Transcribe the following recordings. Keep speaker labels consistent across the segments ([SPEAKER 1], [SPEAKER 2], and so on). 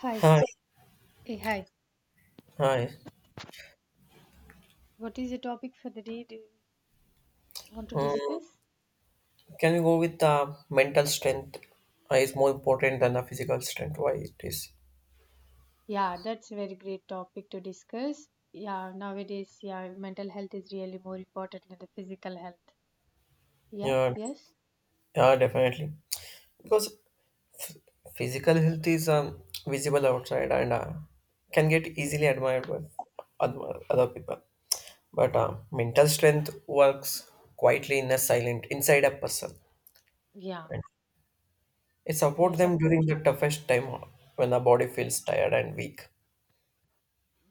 [SPEAKER 1] Hi.
[SPEAKER 2] Hi,
[SPEAKER 1] Hey, hi.
[SPEAKER 2] hi.
[SPEAKER 1] What is the topic for the day? Do you want to
[SPEAKER 2] Um,
[SPEAKER 1] discuss?
[SPEAKER 2] can we go with the mental strength is more important than the physical strength? Why it is?
[SPEAKER 1] Yeah, that's a very great topic to discuss. Yeah, nowadays, yeah, mental health is really more important than the physical health. Yeah,
[SPEAKER 2] Yeah,
[SPEAKER 1] yes.
[SPEAKER 2] yeah, definitely. Because physical health is visible outside and can get easily admired by other people. But mental strength works quietly in a silent inside a person,
[SPEAKER 1] Yeah,
[SPEAKER 2] and it supports
[SPEAKER 1] yes, of,
[SPEAKER 2] them during the toughest time when the body feels tired and weak.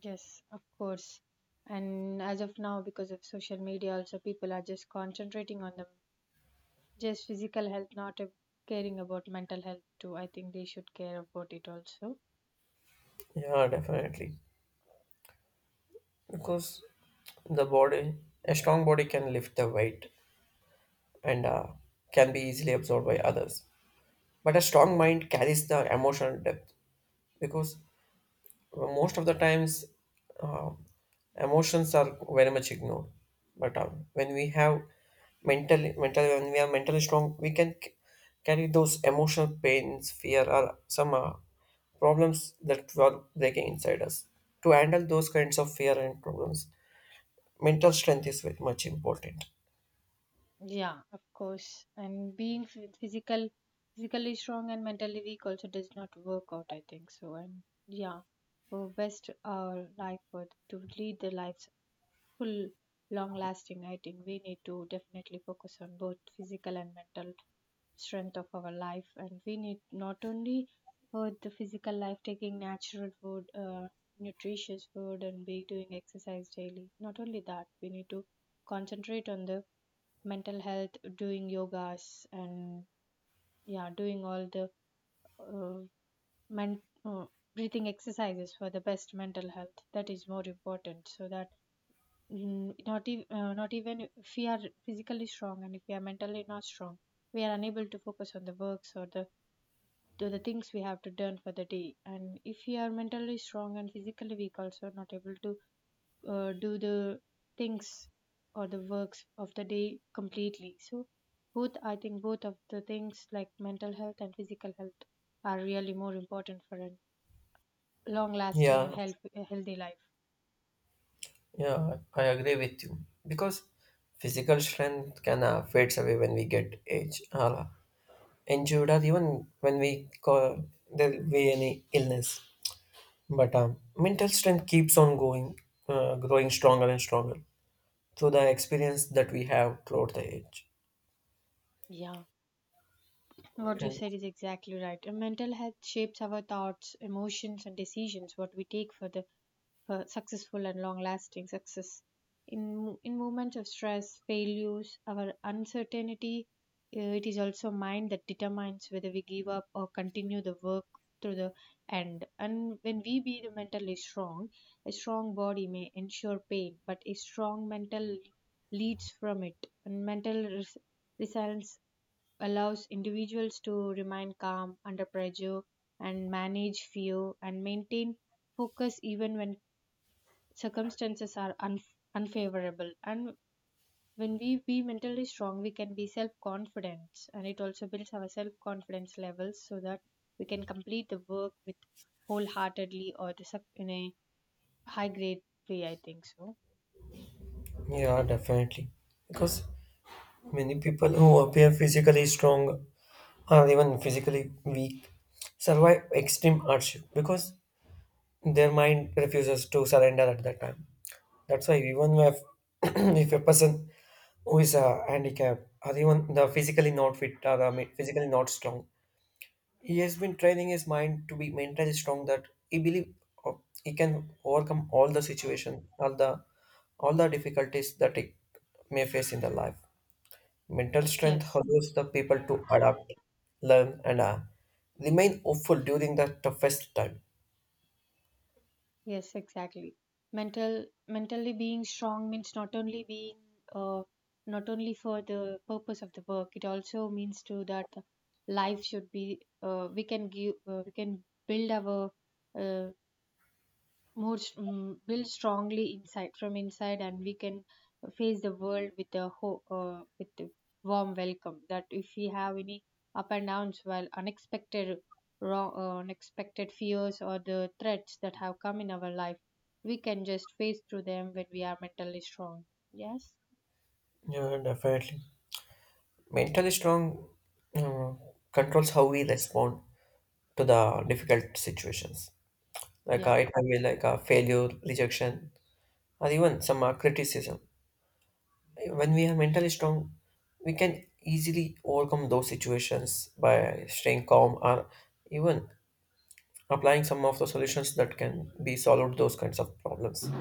[SPEAKER 1] yes, of course. And as of now, because of social media, also people are just concentrating on the just physical health, not caring about mental health too. I think they should care about it also.
[SPEAKER 2] Yeah, definitely. Because the body a strong body can lift the weight and can be easily absorbed by others, but a strong mind carries the emotional depth. Because most of the times uh, emotions are very much ignored, but when we have mentally when we are mentally strong we can carry those emotional pains, fear, or some problems that were breaking inside us. To handle those kinds of fear and problems, mental strength is very much important.
[SPEAKER 1] Yeah, of course. And being physical, physically strong and mentally weak also does not work out, I think so. And yeah, for best life for to lead the lives full, long lasting, I think we need to definitely focus on both physical and mental strength of our life. And we need not only for the physical life, taking natural food, nutritious food, and be doing exercise daily. Not only that, we need to concentrate on the mental health, doing yogas, and yeah, doing all the uh, men- uh, breathing exercises for the best mental health. That is more important. So that not even if we are physically strong and if we are mentally not strong, we are unable to focus on the works or the to the things we have to done for the day. And if we are mentally strong and physically weak, also not able to do the things or the works of the day completely. So both, I think both of the things like mental health and physical health are really more important for a long lasting and
[SPEAKER 2] Yeah,
[SPEAKER 1] health, a healthy life.
[SPEAKER 2] yeah, I agree with you because physical strength can fades away when we get age, injured, or even when we call there will be any illness. But mental strength keeps on going, growing stronger and stronger through the experience that we have throughout the age.
[SPEAKER 1] Yeah, what you
[SPEAKER 2] And
[SPEAKER 1] said is exactly right. And mental health shapes our thoughts, emotions and decisions what we take for the for successful and long lasting success. In moments of stress, failures, our uncertainty, it is also mind that determines whether we give up or continue the work to the end. And when we be the mentally strong, a strong body may ensure pain, but a strong mental leads from it. And resilience allows individuals to remain calm under pressure and manage fear and maintain focus even when circumstances are unfavorable. And when we be mentally strong, we can be self confident, and it also builds our self confidence levels so that we can complete the work with wholeheartedly or to in a high grade way, I think so.
[SPEAKER 2] yeah, definitely, because many people who appear physically strong or even physically weak survive extreme hardship because their mind refuses to surrender at that time. That's why even if, if a person who is a handicapped or even the physically not fit or the physically not strong, he has been training his mind to be mentally strong, that he believe uh, he can overcome all the situation, all the difficulties that he may face in the life. Mental strength
[SPEAKER 1] Yes.
[SPEAKER 2] allows the people to adapt, learn, and remain hopeful during the toughest time.
[SPEAKER 1] Yes, exactly. Mentally being strong means not only being uh, not only for the purpose of the work, it also means too that life should be we can give we can build our uh, more built strongly inside from inside, and we can face the world with a with a warm welcome. That if we have any up and downs while unexpected wrong unexpected fears or the threats that have come in our life, we can just face through them when we are mentally strong. Yes.
[SPEAKER 2] Yeah, definitely. Mentally strong uh, controls how we respond to the difficult situations. Like
[SPEAKER 1] Yeah,
[SPEAKER 2] it might be like a failure, rejection, or even some criticism. When we are mentally strong, we can easily overcome those situations by staying calm or even applying some of the solutions that can be solved those kinds of problems.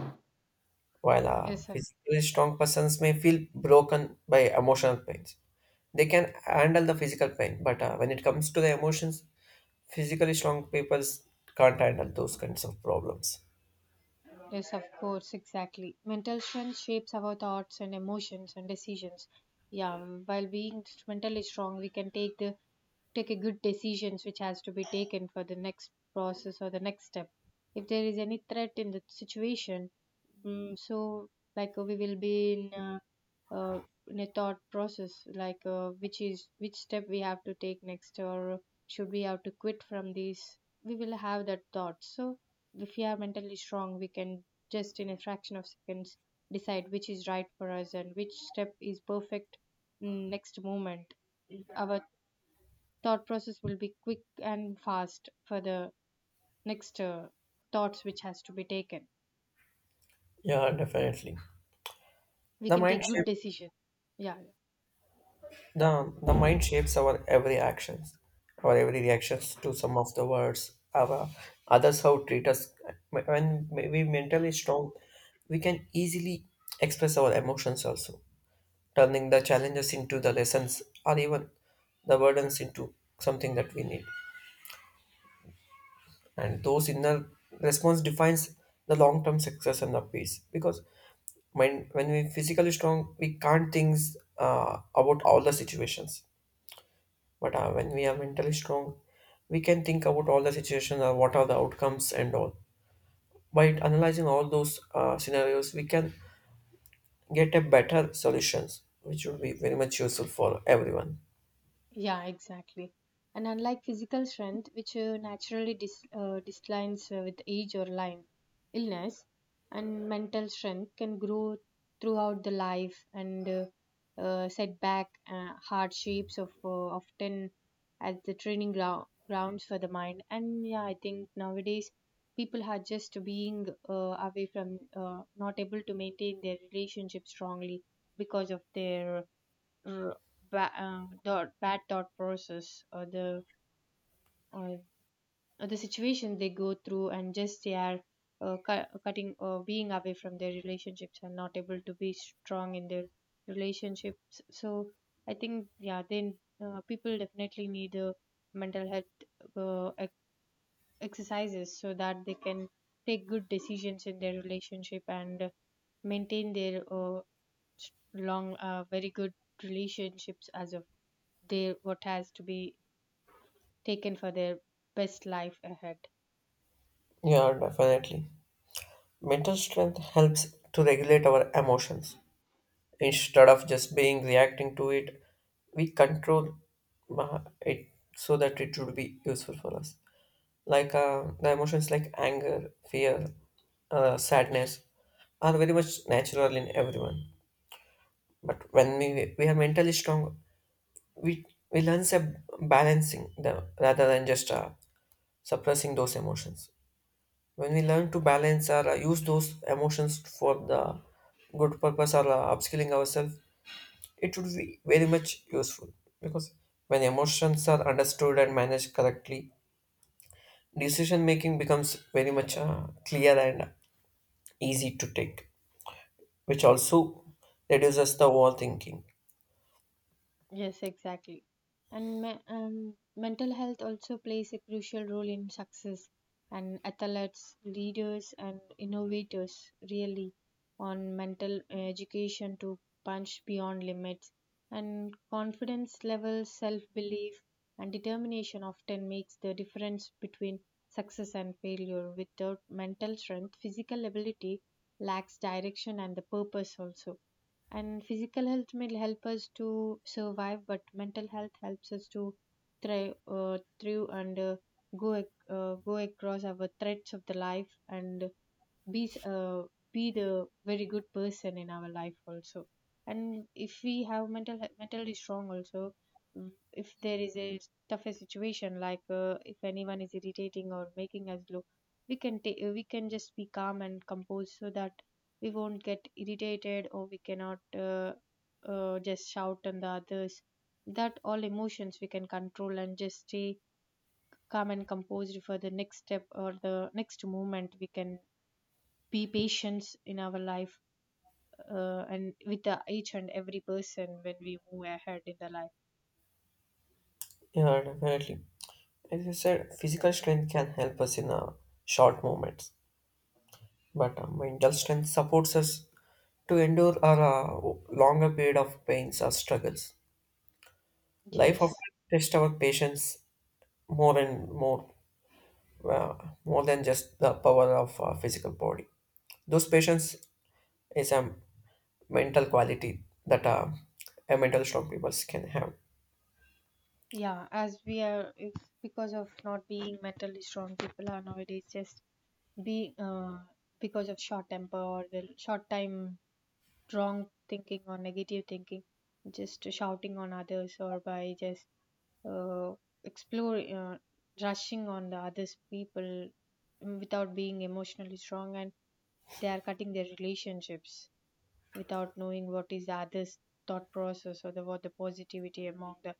[SPEAKER 2] While
[SPEAKER 1] yes of,
[SPEAKER 2] physically strong persons may feel broken by emotional pains, they can handle the physical pain. But when it comes to the emotions, physically strong people can't handle those kinds of problems.
[SPEAKER 1] yes of course, exactly. Mental strength shapes our thoughts and emotions and decisions. Yeah, while being mentally strong, we can take the take a good decisions which has to be taken for the next process or the next step if there is any threat in the situation. So we will be uh, in a thought process which is which step we have to take next, or should we have to quit from this. We will have that thought. So if we are mentally strong, we can just in a fraction of seconds decide which is right for us and which step is perfect. Next moment, our thought process will be quick and fast for the next thoughts which has to be taken.
[SPEAKER 2] Yeah, definitely.
[SPEAKER 1] We
[SPEAKER 2] The
[SPEAKER 1] can
[SPEAKER 2] mind
[SPEAKER 1] take good
[SPEAKER 2] shape,
[SPEAKER 1] decision. Yeah.
[SPEAKER 2] the mind shapes our every actions, our every reactions to some of the words, our others how treat us. When we mentally strong, we can easily express our emotions also, turning the challenges into the lessons or even the burdens into something that we need. And those inner response defines the long term success and the peace. Because when we physically strong, we can't think about all the situations. But when we are mentally strong, we can think about all the situations or what are the outcomes and all. By analyzing all those scenarios, we can get a better solutions, which would be very much useful for everyone.
[SPEAKER 1] Yeah, exactly. And unlike physical strength, which naturally declines with age or line, illness, and mental strength can grow throughout the life. And setback hardships of often as the training grounds for the mind. And yeah, I think nowadays people are just being away from not able to maintain their relationship strongly because of their r- thought, bad thought process, or, or the situation they go through, and just they are cutting or being away from their relationships and not able to be strong in their relationships. So I think yeah, then people definitely need mental health uh, ex- exercises so that they can take good decisions in their relationship and maintain their long very good relationships as a their what has to be taken for their best life ahead.
[SPEAKER 2] Yeah, definitely. Mental strength helps to regulate our emotions. Instead of just being reacting to it, we control it so that it would be useful for us. Like the emotions like anger, fear, sadness are very much natural in everyone. But when we are mentally strong, we, we learn a balancing them rather than just suppressing those emotions. When we learn to balance or use those emotions for the good purpose or upskilling ourselves, it would be very much useful because when emotions are understood and managed correctly, decision making becomes very much clear and easy to take, which also reduces the overthinking.
[SPEAKER 1] Yes, exactly. And mental health also plays a crucial role in success. And athletes, leaders, and innovators really on mental education to punch beyond limits. And confidence levels, self belief, and determination often makes the difference between success and failure. Without mental strength, physical ability lacks direction and the purpose also. And physical health may help us to survive, but mental health helps us to thrive through and go across our threats of the life and be s- uh, be the very good person in our life also. And if we have mentally strong also, if there is a tougher situation, like if anyone is irritating or making us low, we can take we can just be calm and composed so that we won't get irritated or we cannot just shout on the others. That all emotions we can control and just stay calm and composed for the next step or the next moment. We can be patience in our life and with the, each and every person when we move ahead in the life.
[SPEAKER 2] Yeah, definitely, as you said physical strength can help us in short moments, but mental strength supports us to endure our longer period of pains or struggles. Life often
[SPEAKER 1] Yes.
[SPEAKER 2] tests our patience more and more, uh, more than just the power of physical body. Those patience is a mental quality that a mental strong people can have.
[SPEAKER 1] Yeah, as we are if because of not being mentally strong, people are nowadays just be because of short temper or the short time wrong thinking or negative thinking, just shouting on others or by just uh, explore rushing on the others people. Without being emotionally strong, and they are cutting their relationships without knowing what is the other's thought process or the what the positivity among the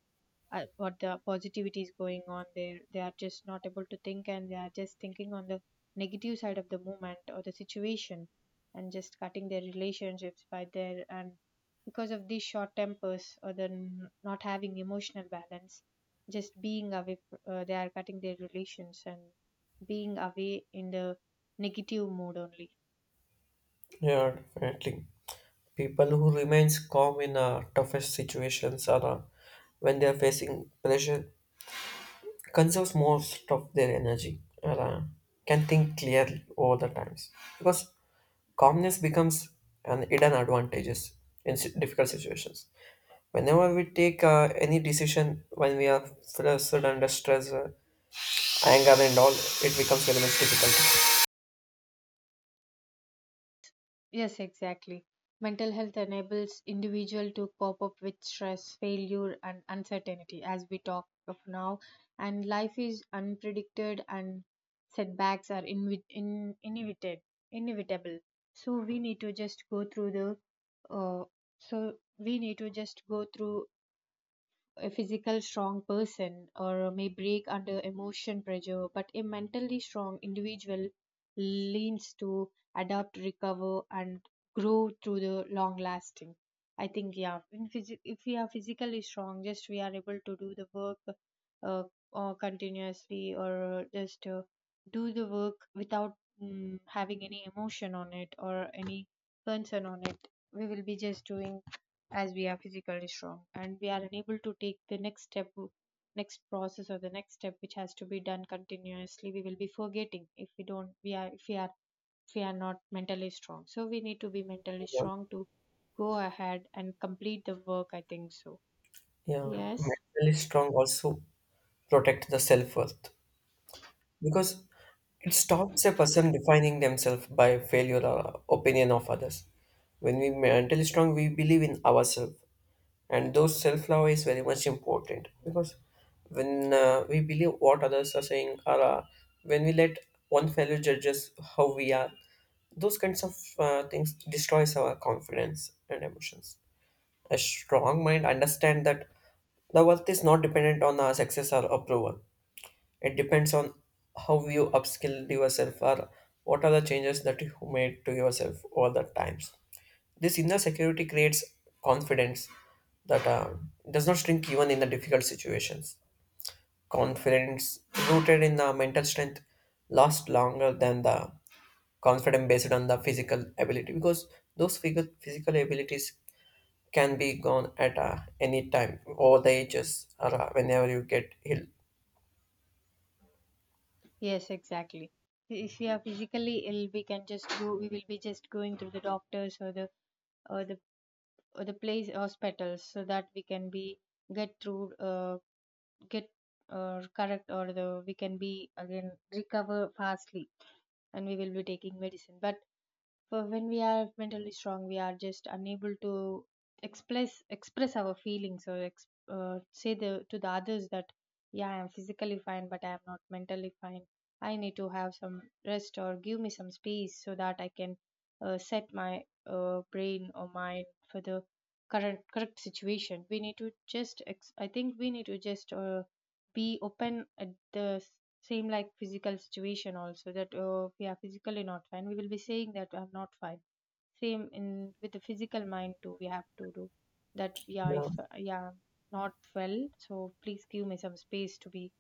[SPEAKER 1] what the positivity is going on there. They are just not able to think, and they are just thinking on the negative side of the moment or the situation and just cutting their relationships by their. And because of these short tempers or the not having emotional balance, just being away they are cutting their relations and being away in the negative mode only.
[SPEAKER 2] Yeah, definitely. People who remains calm in toughest situations or when they are facing pressure conserves most of their energy and can think clearly over the times because calmness becomes an hidden advantages in difficult situations. Whenever we take any decision when we are flustered under stress, anger and all, it becomes very much difficult.
[SPEAKER 1] Yes, exactly. Mental health enables individual to cope up with stress, failure, and uncertainty, as we talk of now. And life is unpredicted, and setbacks are inevitable. Inevitable. So we need to just go through the. Uh, so we need to just go through a physical strong person or may break under emotion pressure, but a mentally strong individual leans to adapt, recover, and grow through the long lasting. I think yeah, in if we are physically strong, just we are able to do the work uh, or continuously or just do the work without having any emotion on it or any concern on it. We will be just doing as we are physically strong, and we are unable to take the next step next process or the next step which has to be done continuously. We will be forgetting if we don't we are if we are if we are not mentally strong. So we need to be mentally strong to go ahead and complete the work, I think so.
[SPEAKER 2] Yeah,
[SPEAKER 1] Yes.
[SPEAKER 2] mentally strong also protect the self-worth because it stops a person defining themselves by failure or opinion of others. When we mentally strong, we believe in ourselves, and those self love is very much important because when we believe what others are saying, or when we let one fellow judges how we are, those kinds of things destroys our confidence and emotions. A strong mind understand that the worth is not dependent on our success or approval, it depends on how you upskilled yourself or what are the changes that you made to yourself over the times. This inner security creates confidence that does not shrink even in the difficult situations. Confidence rooted in the mental strength lasts longer than the confidence based on the physical ability because those physical abilities can be gone at any time over the ages or whenever you get ill.
[SPEAKER 1] Yes, exactly. If we are physically ill, we can just go we will be just going to the doctors or the or the or the place hospitals so that we can be get through get or correct or the we can be again recover fastly, and we will be taking medicine. But when we are mentally strong, we are just unable to express our feelings or say the, to the others that yeah, I am physically fine, but I am not mentally fine. I need to have some rest or give me some space so that I can set my brain or mind for the current correct situation. We need to just I think we need to just be open at the same like physical situation also. That oh, we are physically not fine, we will be saying that I'm not fine. Same in with the physical mind too, we have to do. That yeah,
[SPEAKER 2] Yeah.
[SPEAKER 1] if yeah, I'm not well, so please give me some space to be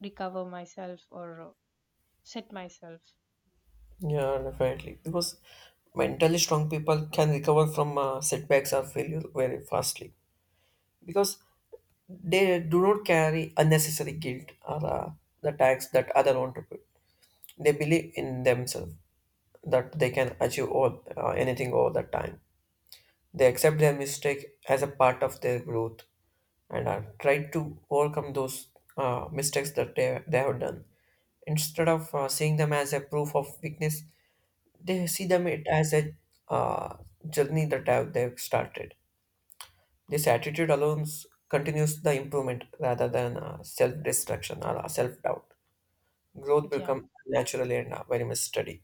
[SPEAKER 1] recover myself or set myself.
[SPEAKER 2] Yeah, definitely. Because mentally strong people can recover from setbacks or failure very fastly because they do not carry unnecessary guilt or the tax that other want to put. They believe in themselves that they can achieve all, anything all the time. They accept their mistake as a part of their growth and are try to overcome those mistakes that they have done instead of seeing them as a proof of weakness. They see them it as a uh, journey that have, they've started. This attitude alone continues the improvement rather than self-destruction or self-doubt. Growth will
[SPEAKER 1] Yeah.
[SPEAKER 2] come naturally and very much steady.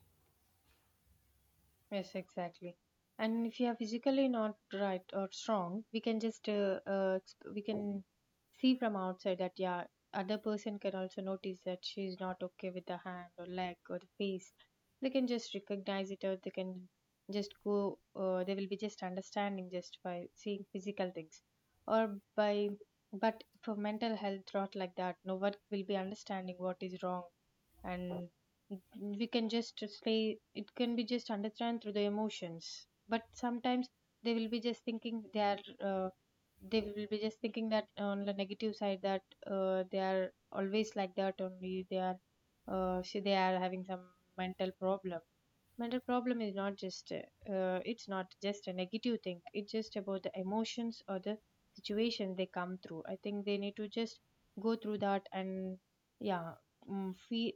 [SPEAKER 1] Yes, exactly. And if you are physically not right or strong, we can just we can see from outside that yeah, other person can also notice that she's not okay with the hand or leg or the face. They can just recognize it, or they can just go. They will be just understanding just by seeing physical things, or by. But for mental health, not like that. No one will be understanding what is wrong, and we can just say it can be just understand through the emotions, but sometimes they will be just thinking they are uh, they will be just thinking that on the negative side that they are always like that only, they are so they are having some mental problem. Mental problem is not just it's not just a negative thing, it's just about the emotions or the situation they come through. I think they need to just go through that, and yeah, feel,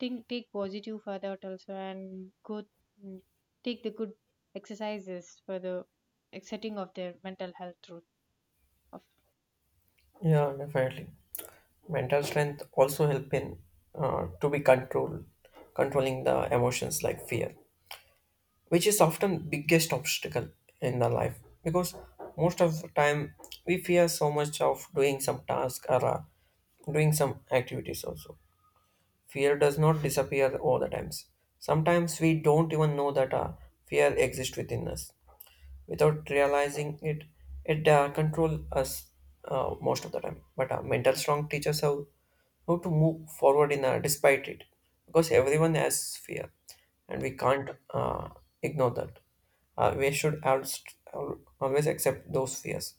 [SPEAKER 1] think, take positive for that also and go, mm, take the good exercises for the setting of their mental health through of.
[SPEAKER 2] Yeah, definitely. Mental strength also help in to be control, controlling the emotions like fear, which is often biggest obstacle in our life because most of the time we fear so much of doing some task or doing some activities also. Fear does not disappear all the times, sometimes we don't even know that fear exists within us without realizing it. It control us most of the time. But mental strong teaches how to move forward in despite it, because everyone has fear, and we can't ignore that. We should always accept those fears.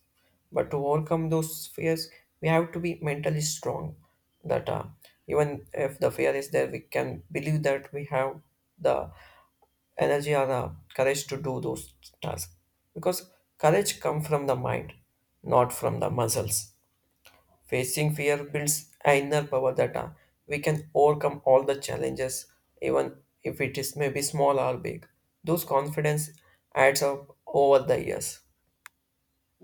[SPEAKER 2] But to overcome those fears, we have to be mentally strong. That even if the fear is there, we can believe that we have the energy or the courage to do those tasks because courage comes from the mind, not from the muscles. Facing fear builds an inner power that we can overcome all the challenges, even if it is maybe small or big. Those confidence adds up over the years.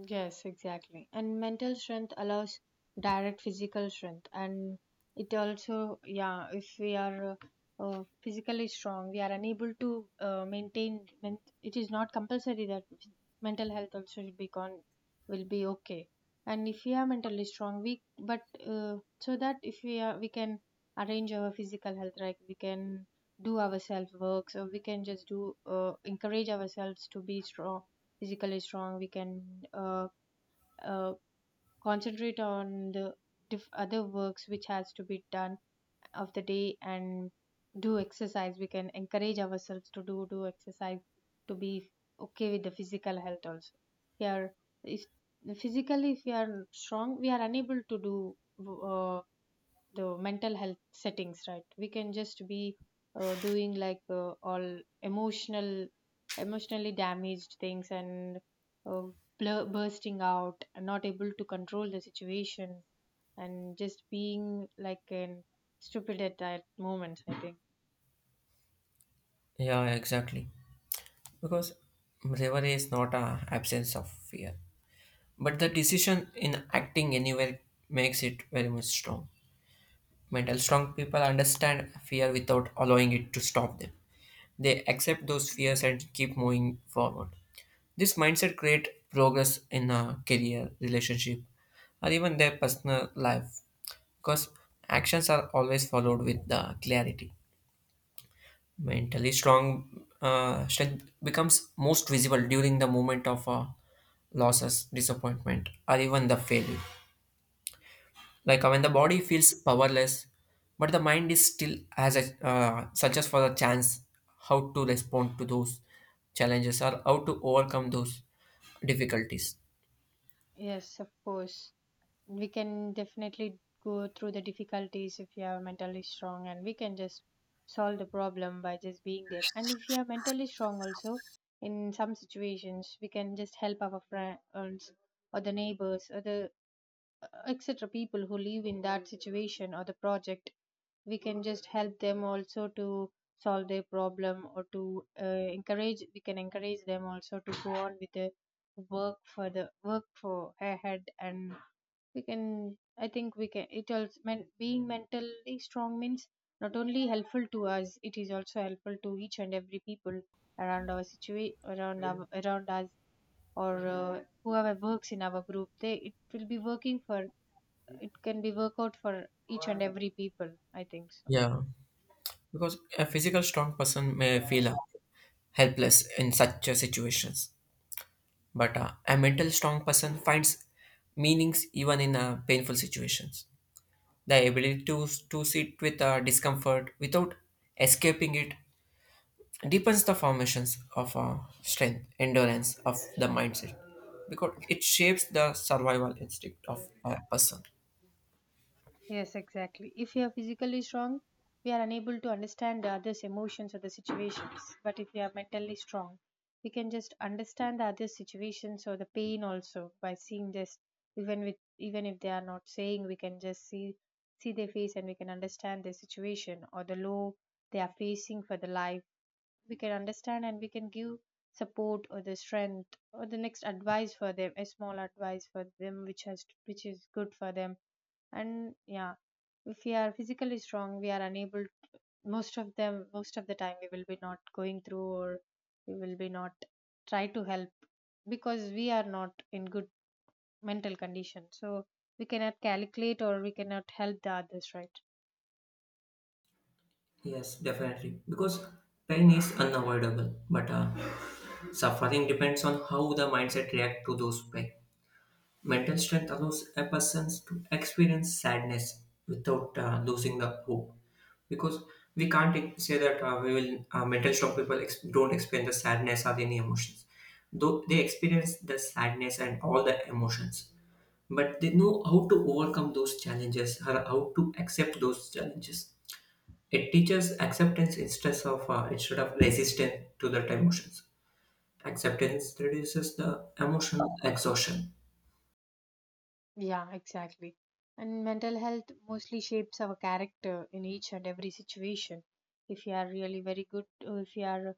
[SPEAKER 1] Yes, exactly. And mental strength allows direct physical strength, and it also, yeah, if we are physically strong, we are unable to maintain. It is not compulsory that mental health also should be gone, will be okay. And if we are mentally strong, we but so that if we are, we can arrange our physical health, right? We can do our self work, so we can just do encourage ourselves to be strong, physically strong. We can uh, uh, concentrate on the other works which has to be done of the day, and do exercise. We can encourage ourselves to do exercise to be okay with the physical health also. We are if physically if we are strong, we are unable to do uh, the mental health settings, right? We can just be doing like all emotional, emotionally damaged things, and uh, bursting out, not able to control the situation, and just being like an stupid at that moment, I think.
[SPEAKER 2] Yeah, exactly. Because bravery is not a absence of fear, but the decision in acting anywhere makes it very much strong. Mental strong people understand fear without allowing it to stop them. They accept those fears and keep moving forward. This mindset creates progress in a career, relationship, or even their personal life because actions are always followed with the clarity. Mentally strong strength becomes most visible during the moment of losses, disappointment, or even the failure. Like when the body feels powerless, but the mind is still has a searches for a chance how to respond to those challenges or how to overcome those difficulties.
[SPEAKER 1] Yes, of course. We can definitely go through the difficulties if you are mentally strong, and we can just solve the problem by just being there. And if you are mentally strong also, in some situations we can just help our friends, or the neighbors, or the etc. people who live in that situation or the project. We can just help them also to solve their problem, or to encourage, we can encourage them also to go on with the work, for the work for ahead. And we can, I think we can, it also men, being mentally strong means not only helpful to us, it is also helpful to each and every people around our situa-, around our, around us, or whoever works in our group, they it will be working for, it can be work out for each and every people, I think
[SPEAKER 2] Yeah, because a physical strong person may
[SPEAKER 1] so.
[SPEAKER 2] feel helpless in such situations, but a mental strong person finds meanings even in painful situations. The ability to sit with discomfort without escaping it deepens the formations of strength, endurance of the mindset, because it shapes the survival instinct of a person.
[SPEAKER 1] Yes, exactly. If we are physically strong, we are unable to understand the other's emotions or the situations. But if we are mentally strong, we can just understand the other's situations or the pain also by seeing this. Even with even if they are not saying, we can just see their face and we can understand their situation or the low they are facing for the life. We can understand and we can give support or the strength or the next advice for them, a small advice for them which has which is good for them. And yeah, if we are physically strong, we are unable, most of them, most of the time, we will be not going through, or we will be not try to help, because we are not in good mental condition. So we cannot calculate or we cannot help the others, right?
[SPEAKER 2] Yes, definitely. Because pain is unavoidable, but suffering depends on how the mindset react to those pain. Mental strength allows a person to experience sadness without losing the hope. Because we can't say that we will mental strong people don't experience the sadness or any emotions. Though they experience the sadness and all the emotions, but they know how to overcome those challenges or how to accept those challenges. It teaches acceptance instead of resistance to that emotions. Acceptance reduces the emotional exhaustion.
[SPEAKER 1] Yeah, exactly. And mental health mostly shapes our character in each and every situation. If you are really very good, or if you are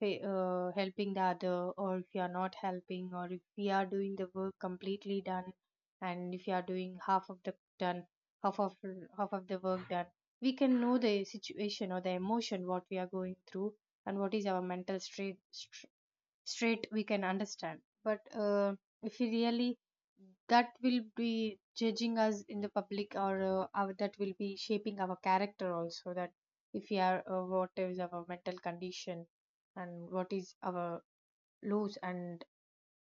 [SPEAKER 1] helping the other, or if you are not helping, or if we are doing the work completely done, and if you are doing half of the done, half of half of the work done, we can know the situation or the emotion what we are going through, and what is our mental state straight, we can understand. But if we really that will be judging us in the public, or our, that will be shaping our character also, that if we are what is our mental condition, and what is our lows and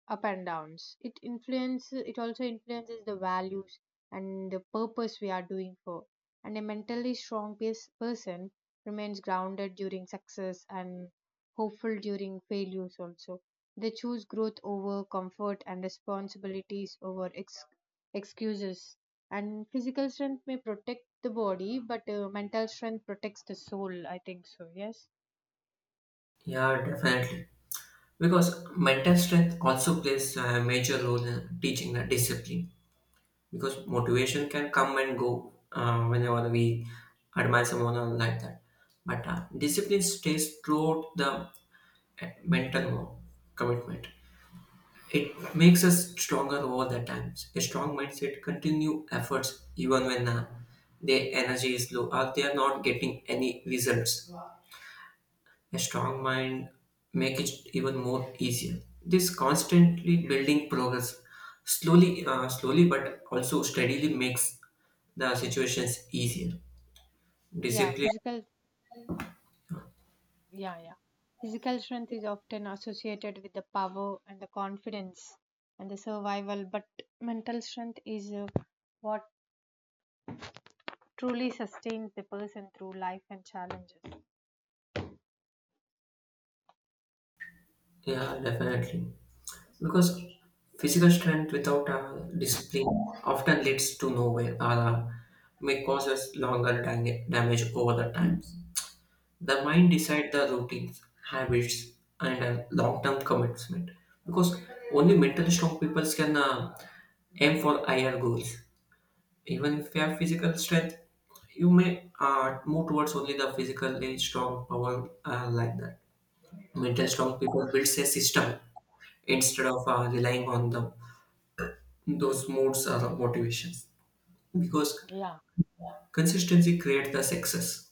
[SPEAKER 1] up and downs, it influences, it also influences the values and the purpose we are doing for. And a mentally strong person remains grounded during success and hopeful during failures also. They choose growth over comfort and responsibilities over excuses. And physical strength may protect the body, but mental strength protects the soul, I think so. Yes,
[SPEAKER 2] Yeah, definitely. Because mental strength also plays a major role in teaching the discipline because motivation can come and go whenever we admire someone or like that, but discipline stays throughout the mental wo- commitment. It makes us stronger over the times. A strong mindset continue efforts even when their energy is low or they are not getting any results. A strong mind make it even more easier. This constantly building progress slowly slowly but also steadily makes the situations easier.
[SPEAKER 1] yeah,
[SPEAKER 2] Discipline,
[SPEAKER 1] physical. Yeah, yeah. Physical strength is often associated with the power and the confidence and the survival, but mental strength is what truly sustains the person through life and challenges.
[SPEAKER 2] yeah, definitely, because physical strength without discipline often leads to nowhere or may cause us longer damage over the time. The mind decides the routines, habits, and long-term commitment. Because only mentally strong people can aim for higher goals. Even if you have physical strength, you may move towards only the physically strong power like that. Mentally strong people builds a system instead of relying on the, those moods or motivations. Because
[SPEAKER 1] Yeah,
[SPEAKER 2] consistency creates the success.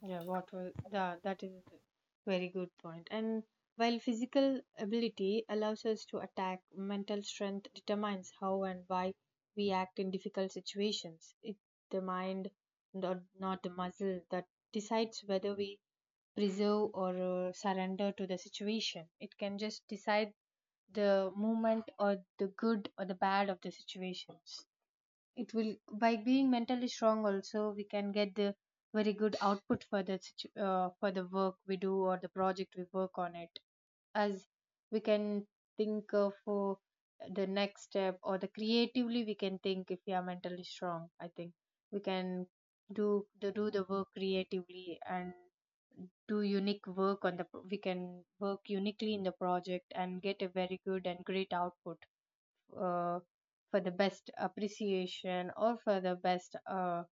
[SPEAKER 1] yeah. What was the, that is a very good point. And while physical ability allows us to attack, mental strength determines how and why we act in difficult situations. It's the mind, not the muscle, that decides whether we preserve or surrender to the situation. It can just decide the movement or the good or the bad of the situations. It will, by being mentally strong, also we can get the very good output for the for the work we do or the project we work on it us. We can think of for the next step or the creatively we can think, if we are mentally strong, I think we can do the work creatively, and do unique work on the we can work uniquely in the project and get a very good and great output uh, for the best appreciation, or for the best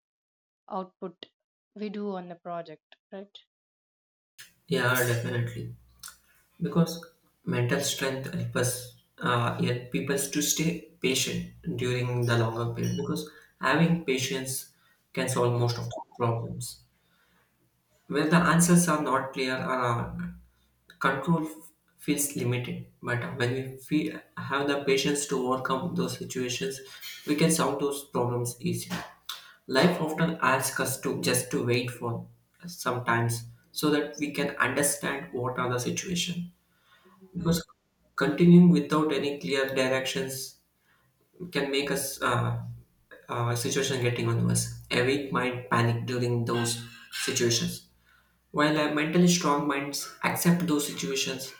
[SPEAKER 1] output we do on the project, right?
[SPEAKER 2] Yeah, definitely. Because mental strength helps us help people to stay patient during the longer period because having patience can solve most of the problems where the answers are not clear or control feels limited, but when we feel, have the patience to overcome those situations, we can solve those problems easily. Life often asks us to just to wait for sometimes so that we can understand what are the situation, because continuing without any clear directions can make us situation getting on worse. A weak might panic during those situations. While mentally strong minds accept those situations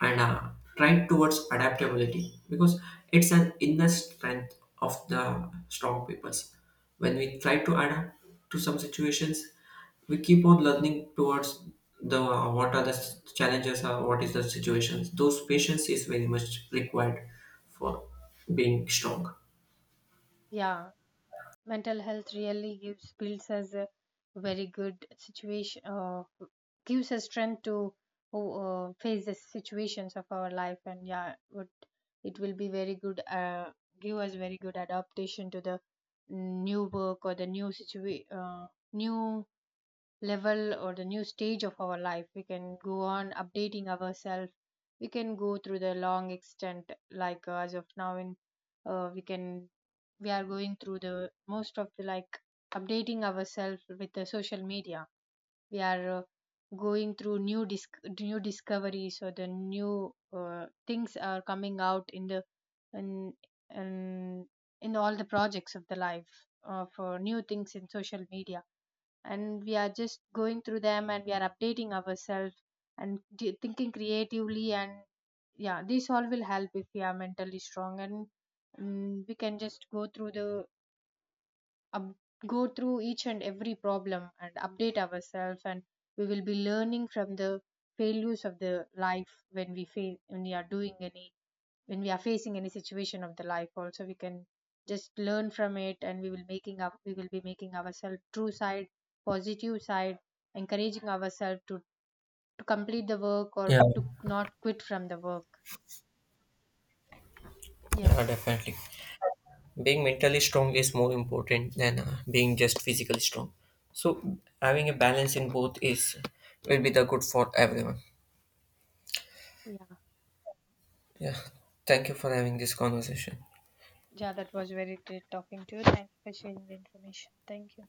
[SPEAKER 2] and try towards adaptability because it's an inner strength of the strong peoples. When we try to adapt to some situations, we keep on learning towards the what are the challenges or what is the situations. Those patience is very much required for being strong.
[SPEAKER 1] Yeah, mental health really gives, builds us a very good situation, gives us strength to face the situations of our life. And yeah, would it will be very good, give us very good adaptation to the new work or the new level or the new stage of our life. We can go on updating ourselves, we can go through the long extent, like as of now in we can, we are going through the most of the, like, updating ourselves with the social media. We are going through new discoveries or the new things are coming out in the in, in in all the projects of the life, for new things in social media. And we are just going through them and we are updating ourselves, and thinking creatively, and yeah, this all will help if we are mentally strong. And mm, we can just go through the up, go through each and every problem and update ourselves. And we will be learning from the failures of the life, when we fail, when we are doing any, when we are facing any situation of the life also, we can just learn from it. And we will making up, we will be making ourselves true side, positive side, encouraging ourselves to complete the work or
[SPEAKER 2] Yeah,
[SPEAKER 1] to not quit from the work.
[SPEAKER 2] yeah,
[SPEAKER 1] Yes,
[SPEAKER 2] definitely. Being mentally strong is more important than being just physically strong, so having a balance in both is will be the good for everyone.
[SPEAKER 1] yeah.
[SPEAKER 2] Yeah, thank you for having this conversation.
[SPEAKER 1] Yeah, that was very great talking to you. Thank you for sharing the information. Thank you.